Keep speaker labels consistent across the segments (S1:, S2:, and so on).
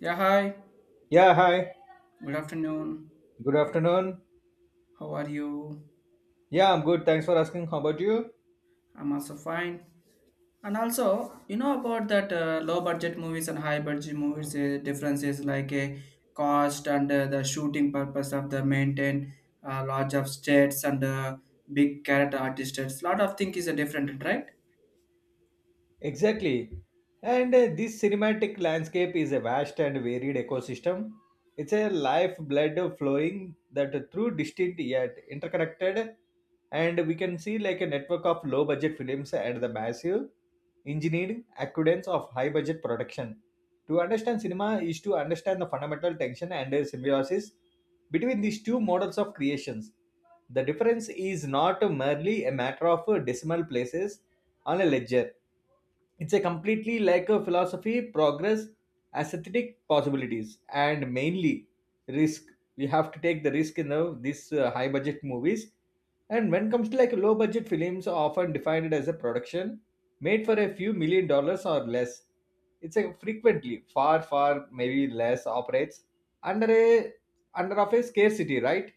S1: Yeah, hi.
S2: Yeah, hi.
S1: Good afternoon.
S2: Good afternoon.
S1: How are you?
S2: Yeah, I'm good. Thanks for asking. How about you?
S1: I'm also fine. And also, you know about that low budget movies and high budget movies, differences like a cost and the shooting purpose of the maintain large of states and big character artists. Lot of things is a different, right?
S2: Exactly. And This cinematic landscape is a vast and varied ecosystem. It's a lifeblood flowing that through distinct yet interconnected. And we can see like a network of low budget films and the massive engineered accudence of high budget production. To understand cinema is to understand the fundamental tension and symbiosis between these two models of creations. The difference is not merely a matter of decimal places on a ledger, it's a completely like a philosophy progress, aesthetic possibilities, and mainly risk. We have to take the risk in this high budget movies. And when it comes to like low budget films are often defined as a production made for a few million dollars or less. It's a frequently far maybe less operates under a, under of a scarcity, right?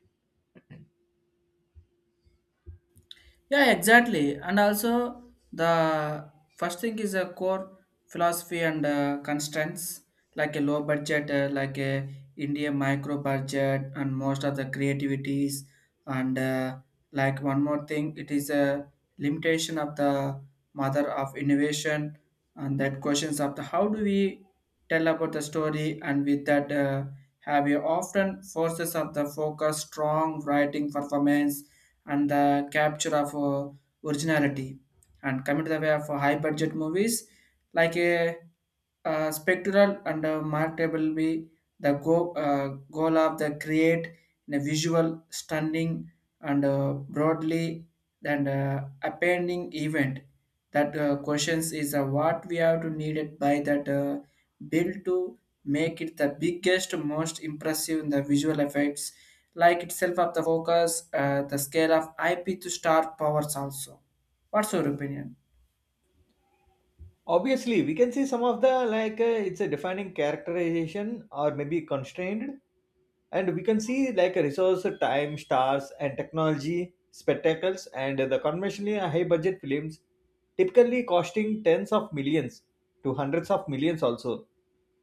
S1: Yeah, exactly. And also, the first thing is a core philosophy and constraints, like a low budget, like a India micro budget, and most of the creativities. And like one more thing, it is a limitation of the mother of innovation, and that questions of the how do we tell about the story, and with that. Have you often forces of the focus, strong writing performance, and the capture of originality and coming to the way of high budget movies like a, spectral and a marketable be the go, goal of the create in a visual stunning and broadly and appending event that questions is what we have to need it by that build to make it the biggest most impressive in the visual effects like itself of the focus, the scale of IP to star powers also. What's your opinion?
S2: Obviously we can see some of the like it's a defining characterization or maybe constrained. And we can see like a resource time stars and technology spectacles, and the conventionally high budget films typically costing tens of millions to hundreds of millions also,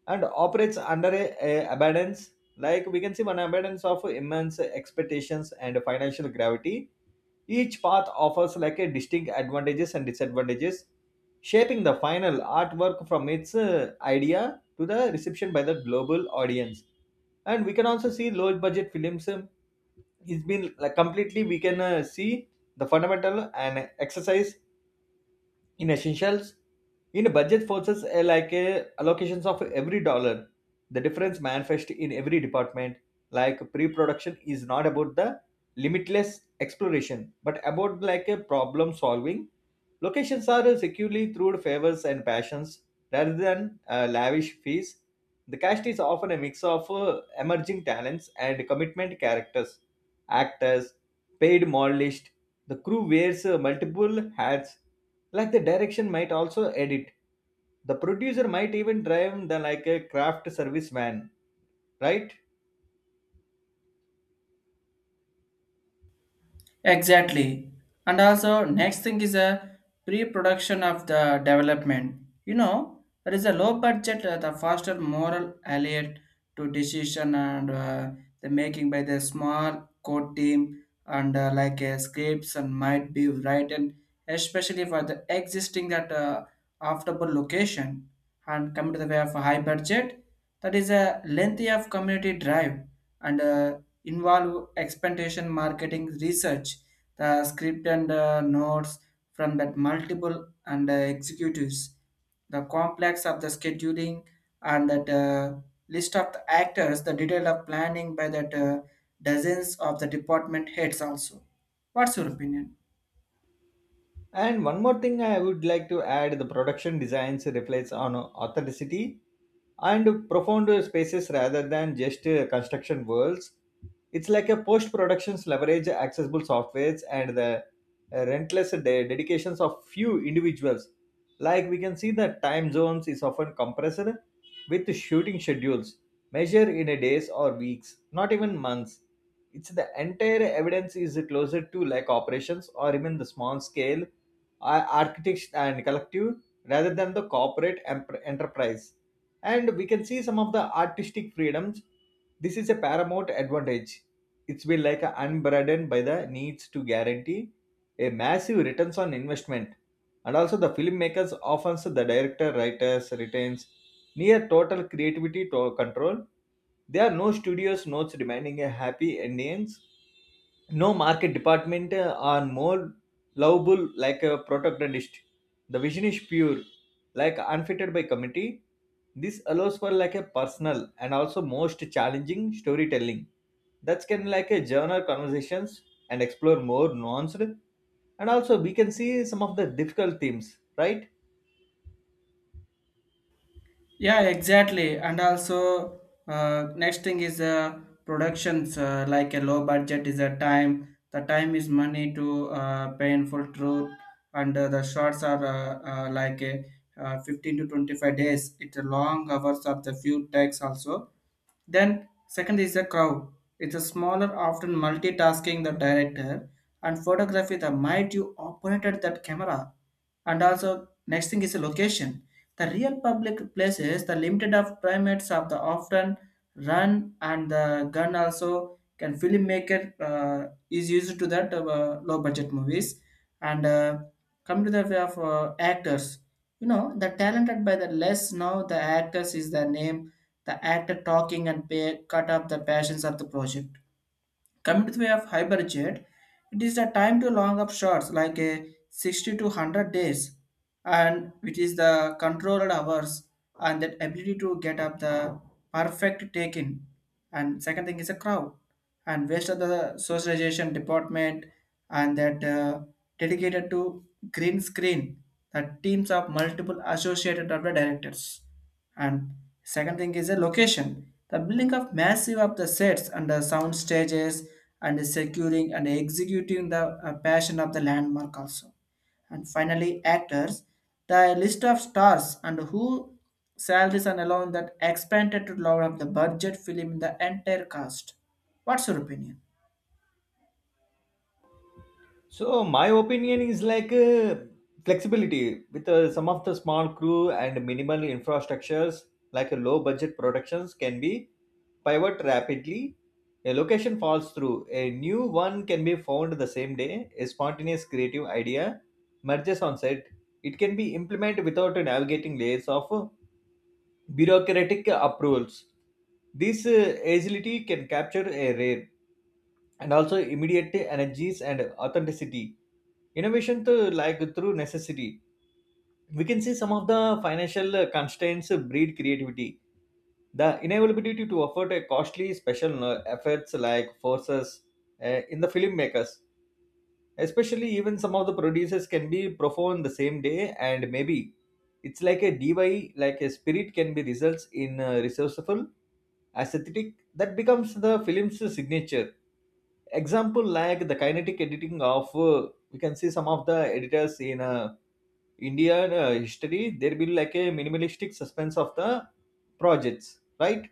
S2: and operates under a abundance. Like we can see an abundance of immense expectations and financial gravity. Each path offers like a distinct advantages and disadvantages, shaping the final artwork from its idea to the reception by the global audience. And we can also see low budget films. It's been like completely we can see the fundamental and exercise in essentials. In a budget forces like allocations of every dollar, the difference manifest in every department. Like pre-production is not about the limitless exploration, but about like a problem solving. Locations are securely through favors and passions rather than lavish fees. The cast is often a mix of emerging talents and commitment characters, actors paid modelists. The crew wears multiple hats. Like the direction might also edit. The producer might even drive the like a craft service van, right?
S1: Exactly. And also, next thing is a pre-production of the development. You know, there is a low budget, the faster moral alert to decision and the making by the small code team and like scripts and might be written especially for the existing that affordable location and come to the way of a high budget that is a lengthy of community drive and involve expectation marketing research, the script and notes from that multiple and executives, the complex of the scheduling and that list of the actors, the detail of planning by that dozens of the department heads also. What's your opinion?
S2: And one more thing I would like to add, the production designs reflects on authenticity and profound spaces rather than just construction worlds. It's like a post productions leverage accessible softwares and the relentless dedications of few individuals. Like we can see the time zones is often compressed with shooting schedules measured in a days or weeks, not even months. It's the entire evidence is closer to like operations or even the small scale architects and collective rather than the corporate enterprise. And we can see some of the artistic freedoms. This is a paramount advantage. It's been like a unburdened by the needs to guarantee a massive returns on investment. And also the filmmakers often so the director writers retains near total creativity to control. There are no studios notes demanding a happy endings, no market department are more lovable like a protagonist. The vision is pure, like unfitted by committee. This allows for like a personal and also most challenging storytelling that can like a journal conversations and explore more nuanced, and also we can see some of the difficult themes, right?
S1: Yeah, exactly. And also, next thing is productions like a low budget is a time. The time is money to painful truth, and the shots are like a 15 to 25 days. It's a long hours of the few takes also, then, second is the crowd. It's a smaller, often multitasking the director and photography the might you operated that camera. And also, next thing is the location. The real public places, the limited of primates of the often run and the gun also can filmmaker is used to that low budget movies. And come to the way of actors, you know, the talented by the less now the actors is the name the actor talking and pay cut up the passions of the project. Coming to the way of Hyperjet, it is the time to long up shots like a 60 to 100 days and it is the controlled hours and that ability to get up the perfect take in. And second thing is a crowd and waste of the socialization department and that dedicated to green screen that teams of multiple associated of the directors and second thing is the location. The building of massive of the sets and the sound stages and securing and executing the passion of the landmark also. And finally, actors. The list of stars and who salaries and alone that expanded to lower of the budget film in the entire cast. What's your opinion?
S2: So my opinion is like flexibility with some of the small crew and minimal infrastructures. Like a low budget productions can be pivot rapidly. A location falls through, a new one can be found the same day, a spontaneous creative idea merges on set. It can be implemented without navigating layers of bureaucratic approvals. This agility can capture a rare and also immediate energies and authenticity. Innovation to like through necessity. We can see some of the financial constraints breed creativity. The inability to afford a costly special effects like forces in the filmmakers, especially even some of the producers can be profound the same day, and maybe it's like a DY, like a spirit can be results in resourceful aesthetic that becomes the film's signature. Example like the kinetic editing of we can see some of the editors in a Indian history, there will like a minimalistic suspense of the projects, right?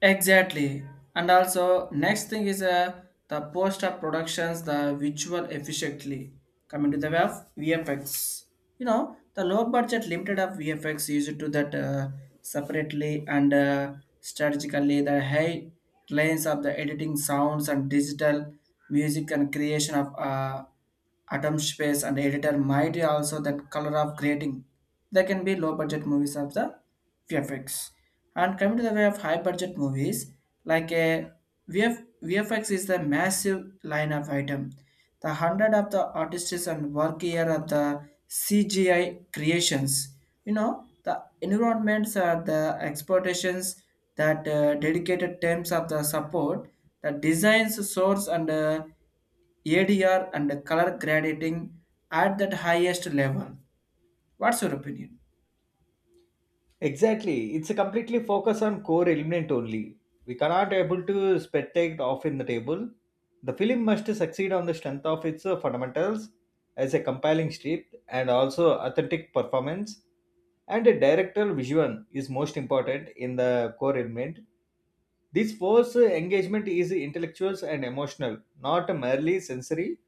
S1: Exactly. And also, next thing is the post up productions, the visual efficiently. Coming to the way of VFX. You know, the low budget limited of VFX used to that separately and strategically, the high lines of the editing sounds and digital music and creation of atom space and editor might also that color of grading. There can be low budget movies of the VFX. And coming to the way of high budget movies, like a VFX is the massive line of item. The hundred of the artists and work here of the CGI creations. You know, the environments are the exploitations that dedicated terms of the support, the designs, source and ADR and color grading at that highest level. What's your opinion?
S2: Exactly. It's a completely focus on core element only. We cannot able to spectate off in the table. The film must succeed on the strength of its fundamentals as a compelling script and also authentic performance. And a directorial vision is most important in the core element. This force engagement is intellectual and emotional, not merely sensory.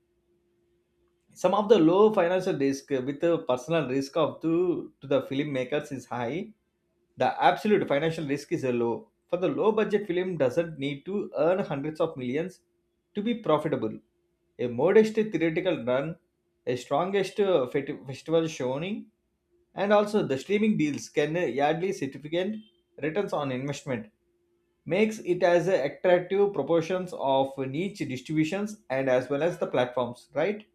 S2: Some of the low financial risk with a personal risk of to the filmmakers is high. The absolute financial risk is a low, for the low budget film doesn't need to earn hundreds of millions to be profitable. A modest theoretical run, a strongest festival showing, and also the streaming deals can yardly significant returns on investment, makes it as a attractive proportions of niche distributions, and as well as the platforms, right?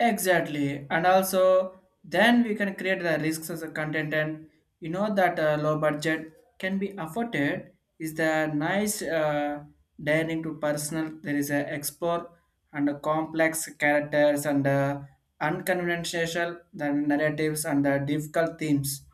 S1: Exactly, and also then we can create the risks as a content, and you know that low budget can be afforded. Is the nice daring to personal? There is a explore and a complex characters and unconventional the narratives and the difficult themes.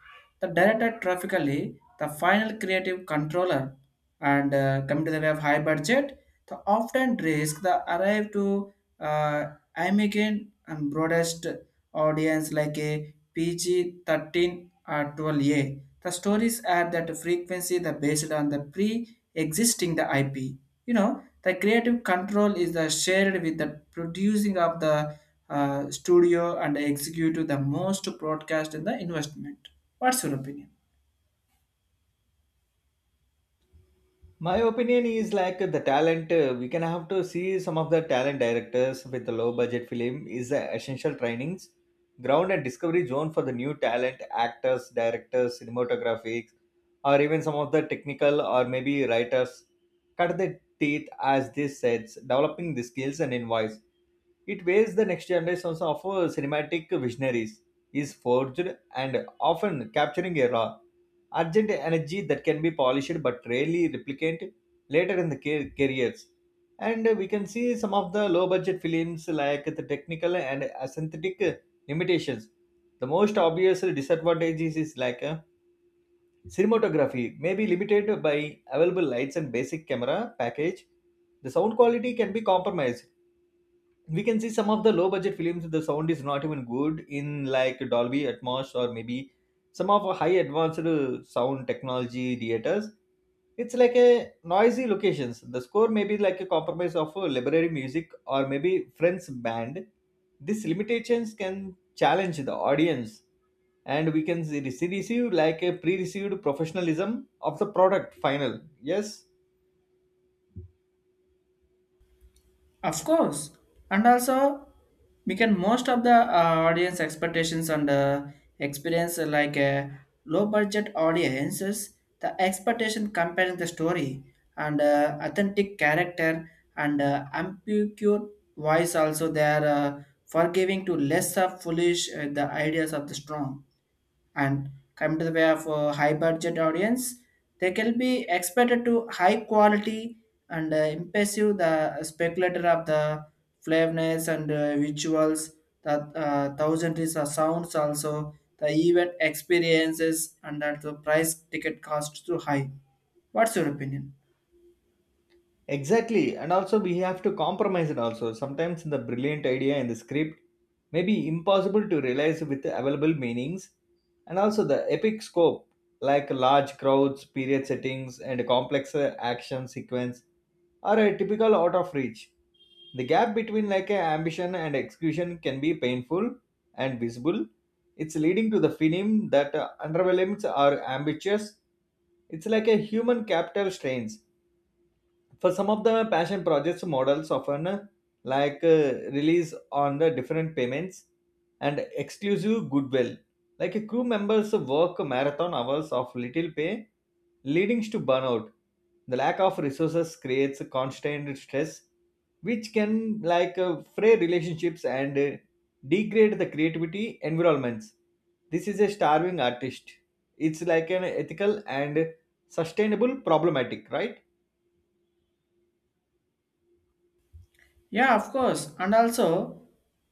S1: The director graphically the final creative controller and coming to the way of high budget, the often risk the arrive to uh, I'm again and broadest audience like a PG 13 or 12A. The stories are that frequency the based on the pre-existing the IP. You know, the creative control is the shared with the producing of the studio and executive the most broadcast in the investment. What's your opinion?
S2: My opinion is like the talent, we can have to see some of the talent directors with the low budget film is the essential trainings ground and discovery zone for the new talent actors, directors, cinematographics, or even some of the technical or maybe writers cut their teeth as this sets developing the skills and invoice. It weighs the next generations of cinematic visionaries is forged, and often capturing a raw urgent energy that can be polished but rarely replicated later in the careers. And we can see some of the low budget films like the technical and aesthetic limitations. The most obvious disadvantages is like cinematography may be limited by available lights and basic camera package. The sound quality can be compromised. We can see some of the low budget films the sound is not even good in like dolby atmos, or maybe some of our high advanced sound technology theaters. It's like a noisy locations, the score may be like a compromise of a library music or maybe friends band. These limitations can challenge the audience, and we can receive like a pre-received professionalism of the product final. Yes.
S1: Of course, and also we can most of the audience expectations and experience like a low budget audiences. The expectation comparing the story and authentic character and ambiguous voice also they are forgiving to less of foolish the ideas of the strong and come to the way of high budget audience they can be expected to high quality and impressive the speculator of the flavorness and visuals the thousand is the sounds also the event experiences and that the price ticket cost too high. What's your opinion?
S2: Exactly, and also we have to compromise it also. Sometimes the brilliant idea in the script may be impossible to realize with the available meanings, and also the epic scope, like large crowds, period settings, and complex action sequence, are a typical out of reach. The gap between like a ambition and execution can be painful and visible. It's leading to the film that underwhelms or ambitious. It's like a human capital strains for some of the passion projects models often like release on the different payments and exclusive goodwill. Like a crew members work marathon hours of little pay, leading to burnout. The lack of resources creates a constant stress, which can like fray relationships and degrade the creativity environments. This is a starving artist. It's like an ethical and sustainable problematic, right?
S1: Yeah, of course. And also,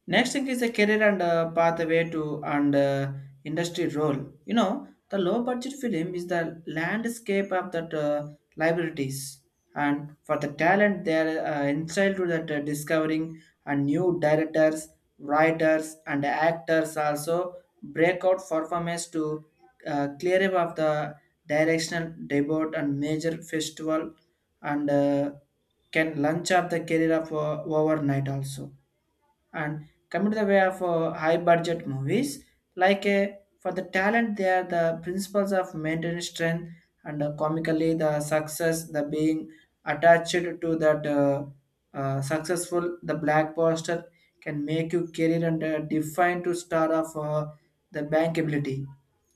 S1: next thing is a career and pathway to and industry role. You know, the low budget film is the landscape of that liabilities, and for the talent, they are entitled to that discovering and new directors, writers, and actors also breakout performance to clear up of the directional debut and major festival and can lunch up the career of overnight also and coming to the way of high budget movies like for the talent they are the principles of maintaining strength and comically the success the being attached to that successful the black poster can make you career and define to star of the bankability.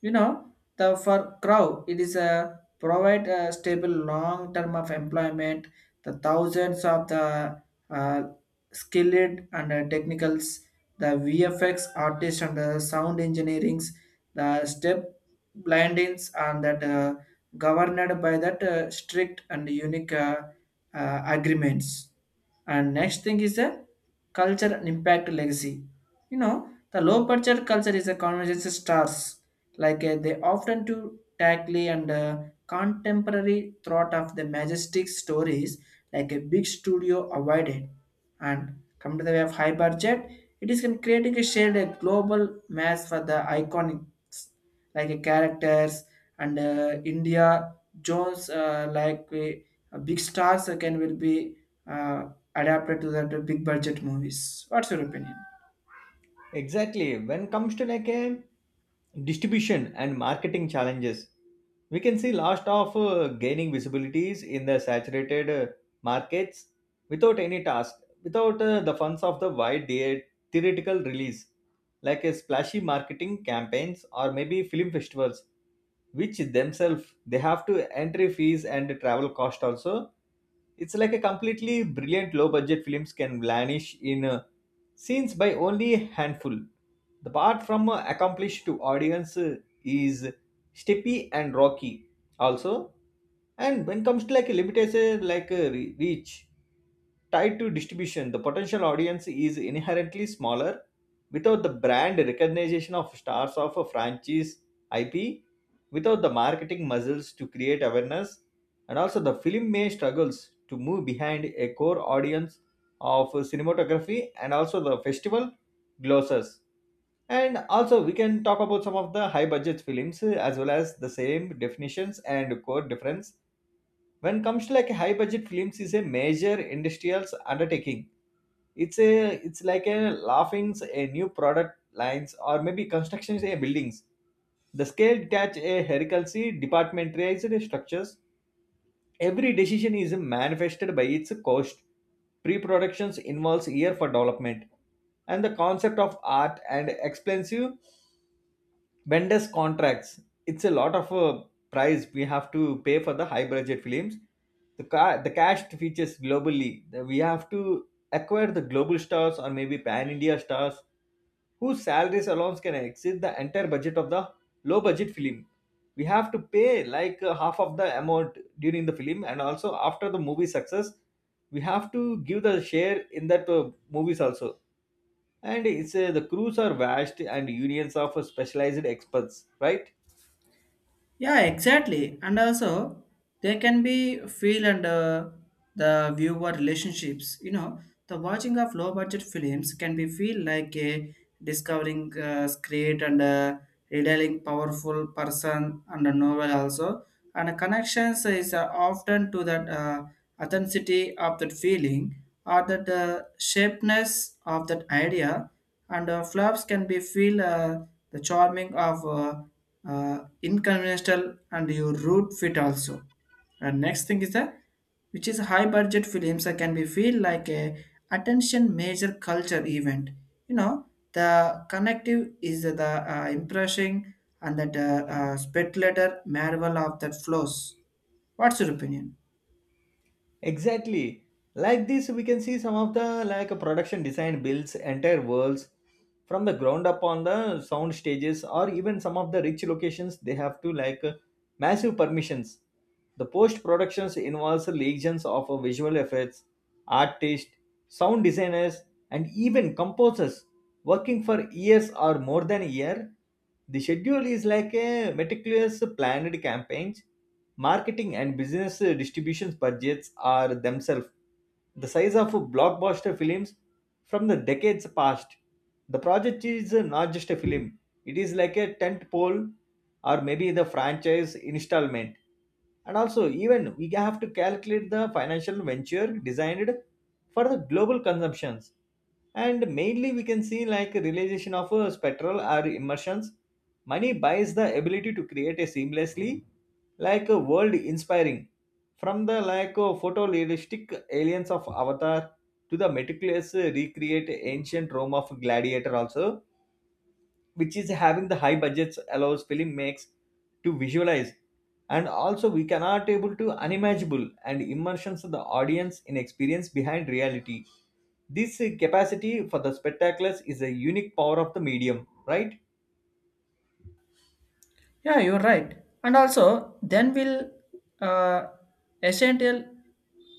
S1: You know the for crow it is a provide a stable long term of employment the thousands of the uh, skilled and technicals, the VFX artists and the sound engineerings, the step blindings and that governed by that strict and unique agreements. And next thing is the culture and impact legacy. You know, the low budget culture is a conversation stars. Like they often do tackly and contemporary thought of the majestic stories like a big studio avoided and come to the way of high budget it is can creating a shared a global mass for the iconics like a characters and india jones like big stars again will be uh, adapted to the to big budget movies. What's your opinion?
S2: Exactly. When comes to like a distribution and marketing challenges, we can see lot of gaining visibilities in the saturated markets without any task, without the funds of the theoretical release, like a splashy marketing campaigns or maybe film festivals, which themselves they have to entry fees and travel cost also. It's like a completely brilliant low budget films can vanish in scenes by only a handful. The part from accomplished to audience is steppy and rocky also. And when it comes to like a limitation like a reach tied to distribution, the potential audience is inherently smaller. Without the brand recognition of stars of a franchise IP, without the marketing muscles to create awareness, and also the film may struggles to move behind a core audience of cinematography, and also the festival glosses. And also we can talk about some of the high budget films as well as the same definitions and core difference. When comes to like high budget films is a major industrial undertaking. It's a it's like a laughings a new product lines or maybe constructions a buildings. The scale detach a hierarchy departmentalized structures. Every decision is manifested by its cost. Pre productions involves year for development, and the concept of art and expensive vendors' contracts. It's a lot of price we have to pay for the high budget films. The cast features globally. We have to acquire the global stars or maybe pan India stars whose salaries alone can exceed the entire budget of the low budget film. We have to pay like half of the amount during the film, and also after the movie success, we have to give the share in that movies also. And it's the crews are vast and unions of specialized experts, right?
S1: Yeah, exactly. And also, they can be feel and the viewer relationships. You know, the watching of low budget films can be feel like a discovering great and revealing powerful person and a novel also. And connections is often to that authenticity of that feeling or that shapeness of that idea. And flops can be feel the charming of inconventional and your route fit also. And next thing is the which is high budget films that can be feel like a attention major culture event. You know the connective is the impressing and that speculator marvel of that flows. What's your opinion?
S2: Exactly. Like this, we can see some of the like production design builds entire worlds from the ground up on the sound stages, or even some of the rich locations they have to like massive permissions. The post productions involves legions of visual effects, artists, sound designers, and even composers working for years or more than a year. The schedule is like a meticulous planned campaigns. Marketing and business distribution budgets are themselves the size of blockbuster films from the decades past. The project is not just a film, it is like a tent pole or maybe the franchise installment. And also, even we have to calculate the financial venture designed for the global consumptions, and mainly we can see like realization of spectral or immersions. Money buys the ability to create a seamlessly like a world inspiring, from the like photorealistic aliens of avatar to the meticulous recreate ancient rome of gladiator also, which is having the high budgets allows film makes to visualize. And also we cannot able to unimaginable and immersions of the audience in experience behind reality. This capacity for the spectaculars is a unique power of the medium, right?
S1: Yeah, you're right. And also, then will uh, essential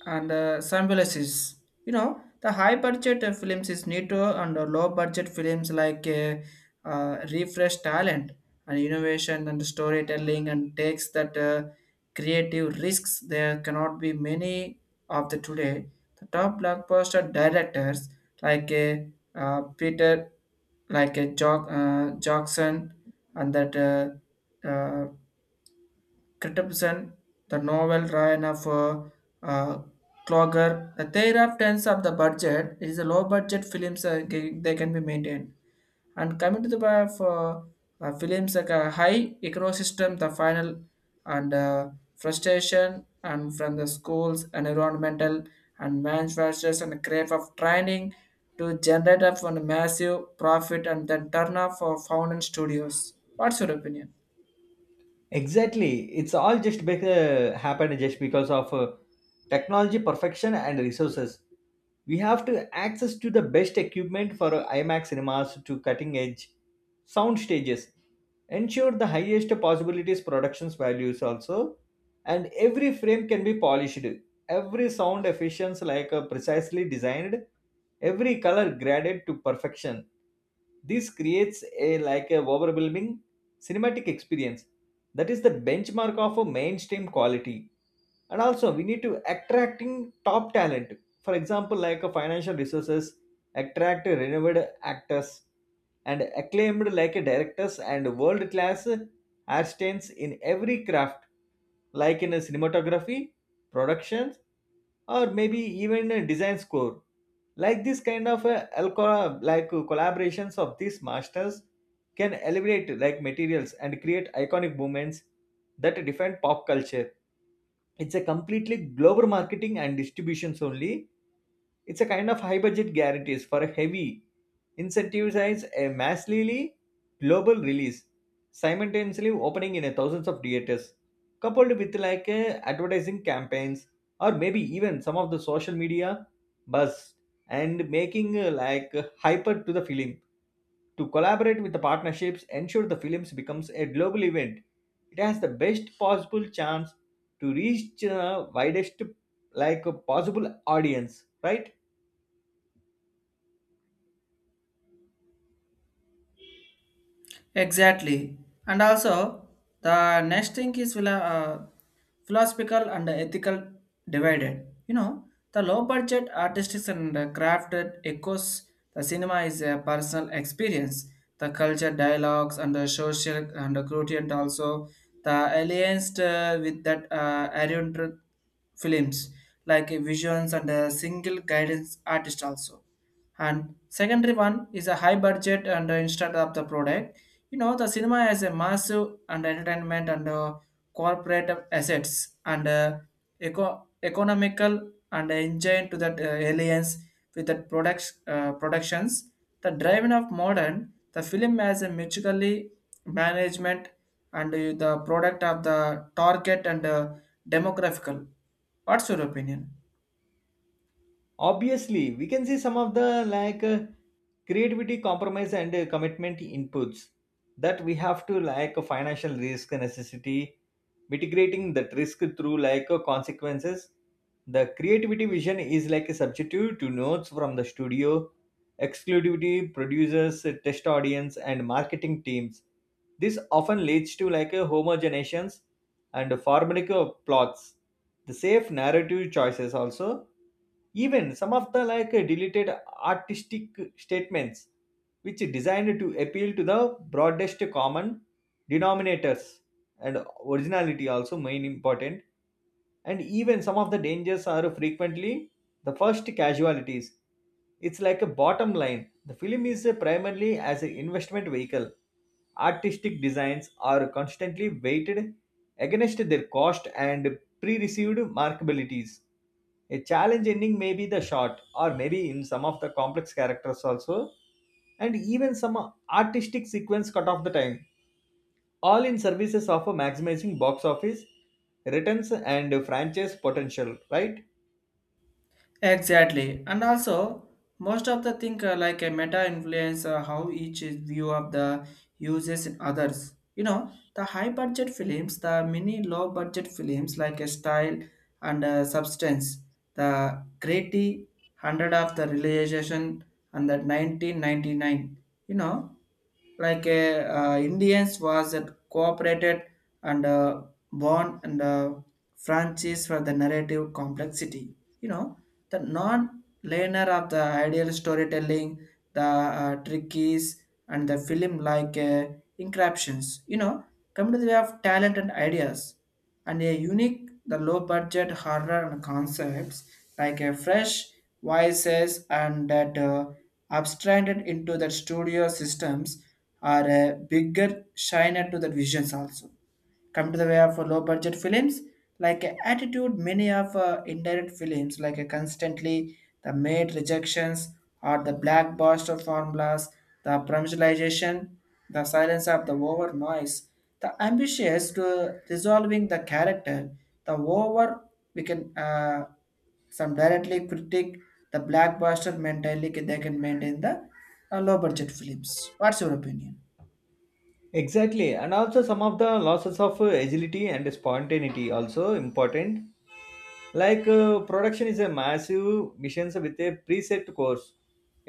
S1: and symbiosis. You know, the high budget films is need to, and the low budget films like refresh talent and innovation and storytelling and takes that creative risks. There cannot be many of the today. The top blockbuster directors like Peter, like Jackson, and that. Uh, Christensen, the novel Ryan of uh, Clogger. The thereafters of the budget it is a low budget films they can be maintained. And coming to the by of films like a high ecosystem, the final and frustration and from the schools and environmental and manufacturers and crave of training to generate up on massive profit and then turn off for founding studios. What's your opinion?
S2: Exactly. It's all just happened just because of technology perfection and resources. We have to access to the best equipment, for IMAX cinemas to cutting edge sound stages. Ensure the highest possibilities productions values also. And every frame can be polished. Every sound efficiency like precisely designed. Every color graded to perfection. This creates a like a overwhelming cinematic experience that is the benchmark of a mainstream quality. And also we need to attracting top talent, for example like a financial resources attract renowned actors and acclaimed like a directors and world class artisans in every craft, like in a cinematography, productions, or maybe even a design score. Like this kind of collaborations of these masters can elevate like materials and create iconic moments that define pop culture. It's a completely global marketing and distributions only. It's a kind of high budget guarantees for a heavy incentivize a massively global release, simultaneously opening in a thousands of theaters, coupled with like a advertising campaigns, or maybe even some of the social media buzz and making hyper to the film, to collaborate with the partnerships ensure the films becomes a global event. It has the best possible chance to reach the widest like possible audience, right?
S1: Exactly. And also, the next thing is philosophical and ethical divided. You know, the low budget artistic and crafted echoes the cinema is a personal experience. The culture dialogues and the social and the gradient also the alliance with that oriental films like visions and a single guidance artist also and secondary one is a high budget and instead of the product. You know the cinema has a massive and entertainment and corporate assets and economical and engine to that aliens with that products productions the driving of modern the film has a mutually management and the product of the target and demographical. What's your opinion?
S2: Obviously, we can see some of the like creativity, compromise, and commitment inputs that we have to like a financial risk necessity, mitigating that risk through like consequences. The creativity vision is like a substitute to notes from the studio, exclusivity, producers, test audience, and marketing teams. This often leads to like a homogenations and formulaic plots, the safe narrative choices also, even some of the like deleted artistic statements which designed to appeal to the broadest common denominators. And originality also main important, and even some of the dangers are frequently the first casualties. It's like a bottom line. The film is primarily as an investment vehicle. Artistic designs are constantly weighted against their cost and pre-received markabilities. A challenge ending may be the shot, or maybe in some of the complex characters also, and even some artistic sequence cut off the time, all in services of maximizing box office returns and franchise potential, right?
S1: Exactly. And also, most of the thing like a meta influence how each is view of the uses in others. You know, the high budget films, the mini low budget films like a style and substance, the greaty hundred of the realization and the 1999. You know, like a Indians was that cooperated and born and franchise for the narrative complexity. You know, the non-linear of the ideal storytelling, the trickies, and the film like encryptions. You know, come to the way of talent and ideas, and a unique, the low-budget horror and concepts like a fresh voices and that abstracted into the studio systems are a bigger shiner to the visions also come to the way of low budget films like attitude many of indirect films like constantly the made rejections or the blackbuster formulas the promotionalization the silence of the over noise the ambitious to resolving the character the over we can some directly critique the blackbuster mentality they can maintain the low budget films. What's your opinion?
S2: Exactly, and also some of the losses of agility and spontaneity also important. Like production is a massive mission with a preset course.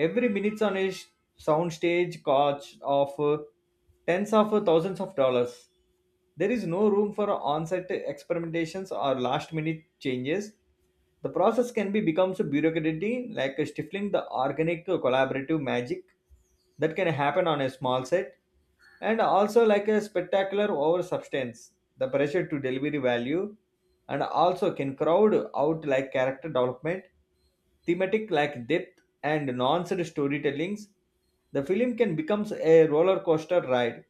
S2: Every minutes on a sound stage costs of tens of thousands of dollars. There is no room for on-set experimentations or last-minute changes. The process can be becomes a bureaucracy, like stifling the organic collaborative magic that can happen on a small set. And also like a spectacular over substance, the pressure to deliver value and also can crowd out like character development, thematic like depth, and nuanced storytellings. The film can becomes a roller coaster ride,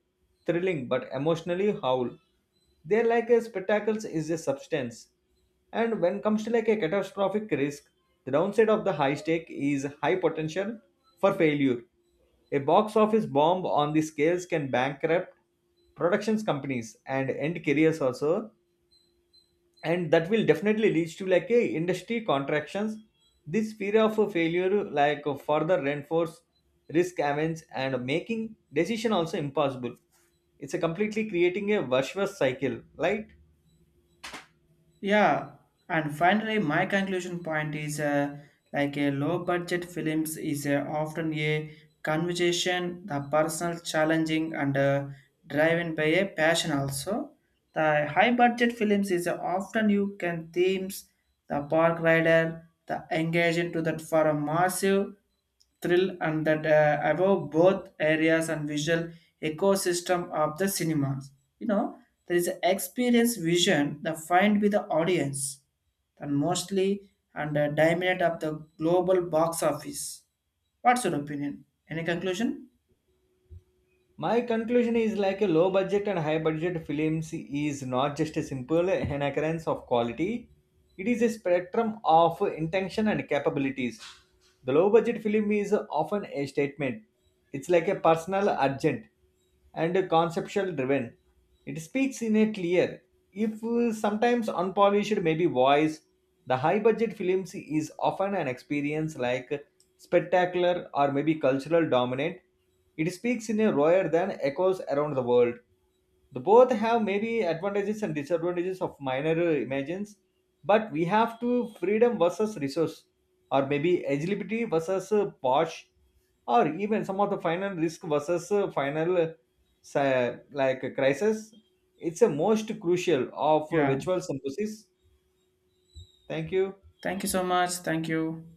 S2: thrilling but emotionally howl. They're like a spectacles is a substance. And when comes to like a catastrophic risk, the downside of the high stake is high potential for failure. A box office bomb on the scales can bankrupt productions companies and end careers also, and that will definitely lead to like a industry contractions. This fear of a failure like further reinforce risk avenge and making decision also impossible. It's a completely creating a virtuous cycle, right?
S1: Yeah, and finally, my conclusion point is like a low budget films is often a conversation, the personal challenging and driven by a passion also. The high budget films is often you can themes the park rider, the engagement to that for a massive thrill and that above both areas and visual ecosystem of the cinemas. You know, there is an experience vision that find with the audience and mostly and dominate of the global box office. What's your opinion? Any conclusion?
S2: My conclusion is like a low budget and high budget films is not just a simple inherence of quality. It is a spectrum of intention and capabilities. The low budget film is often a statement. It's like a personal urgent and conceptual driven. It speaks in a clear, if sometimes unpolished, maybe voice. The high budget films is often an experience, like spectacular or maybe cultural dominant. It speaks in a roar than echoes around the world. The both have maybe advantages and disadvantages of minor imagines, but we have to freedom versus resource, or maybe agility versus posh, or even some of the final risk versus final crisis. It's a most crucial of
S1: Yeah.
S2: virtual synthesis. Thank you.
S1: Thank you so much. Thank you.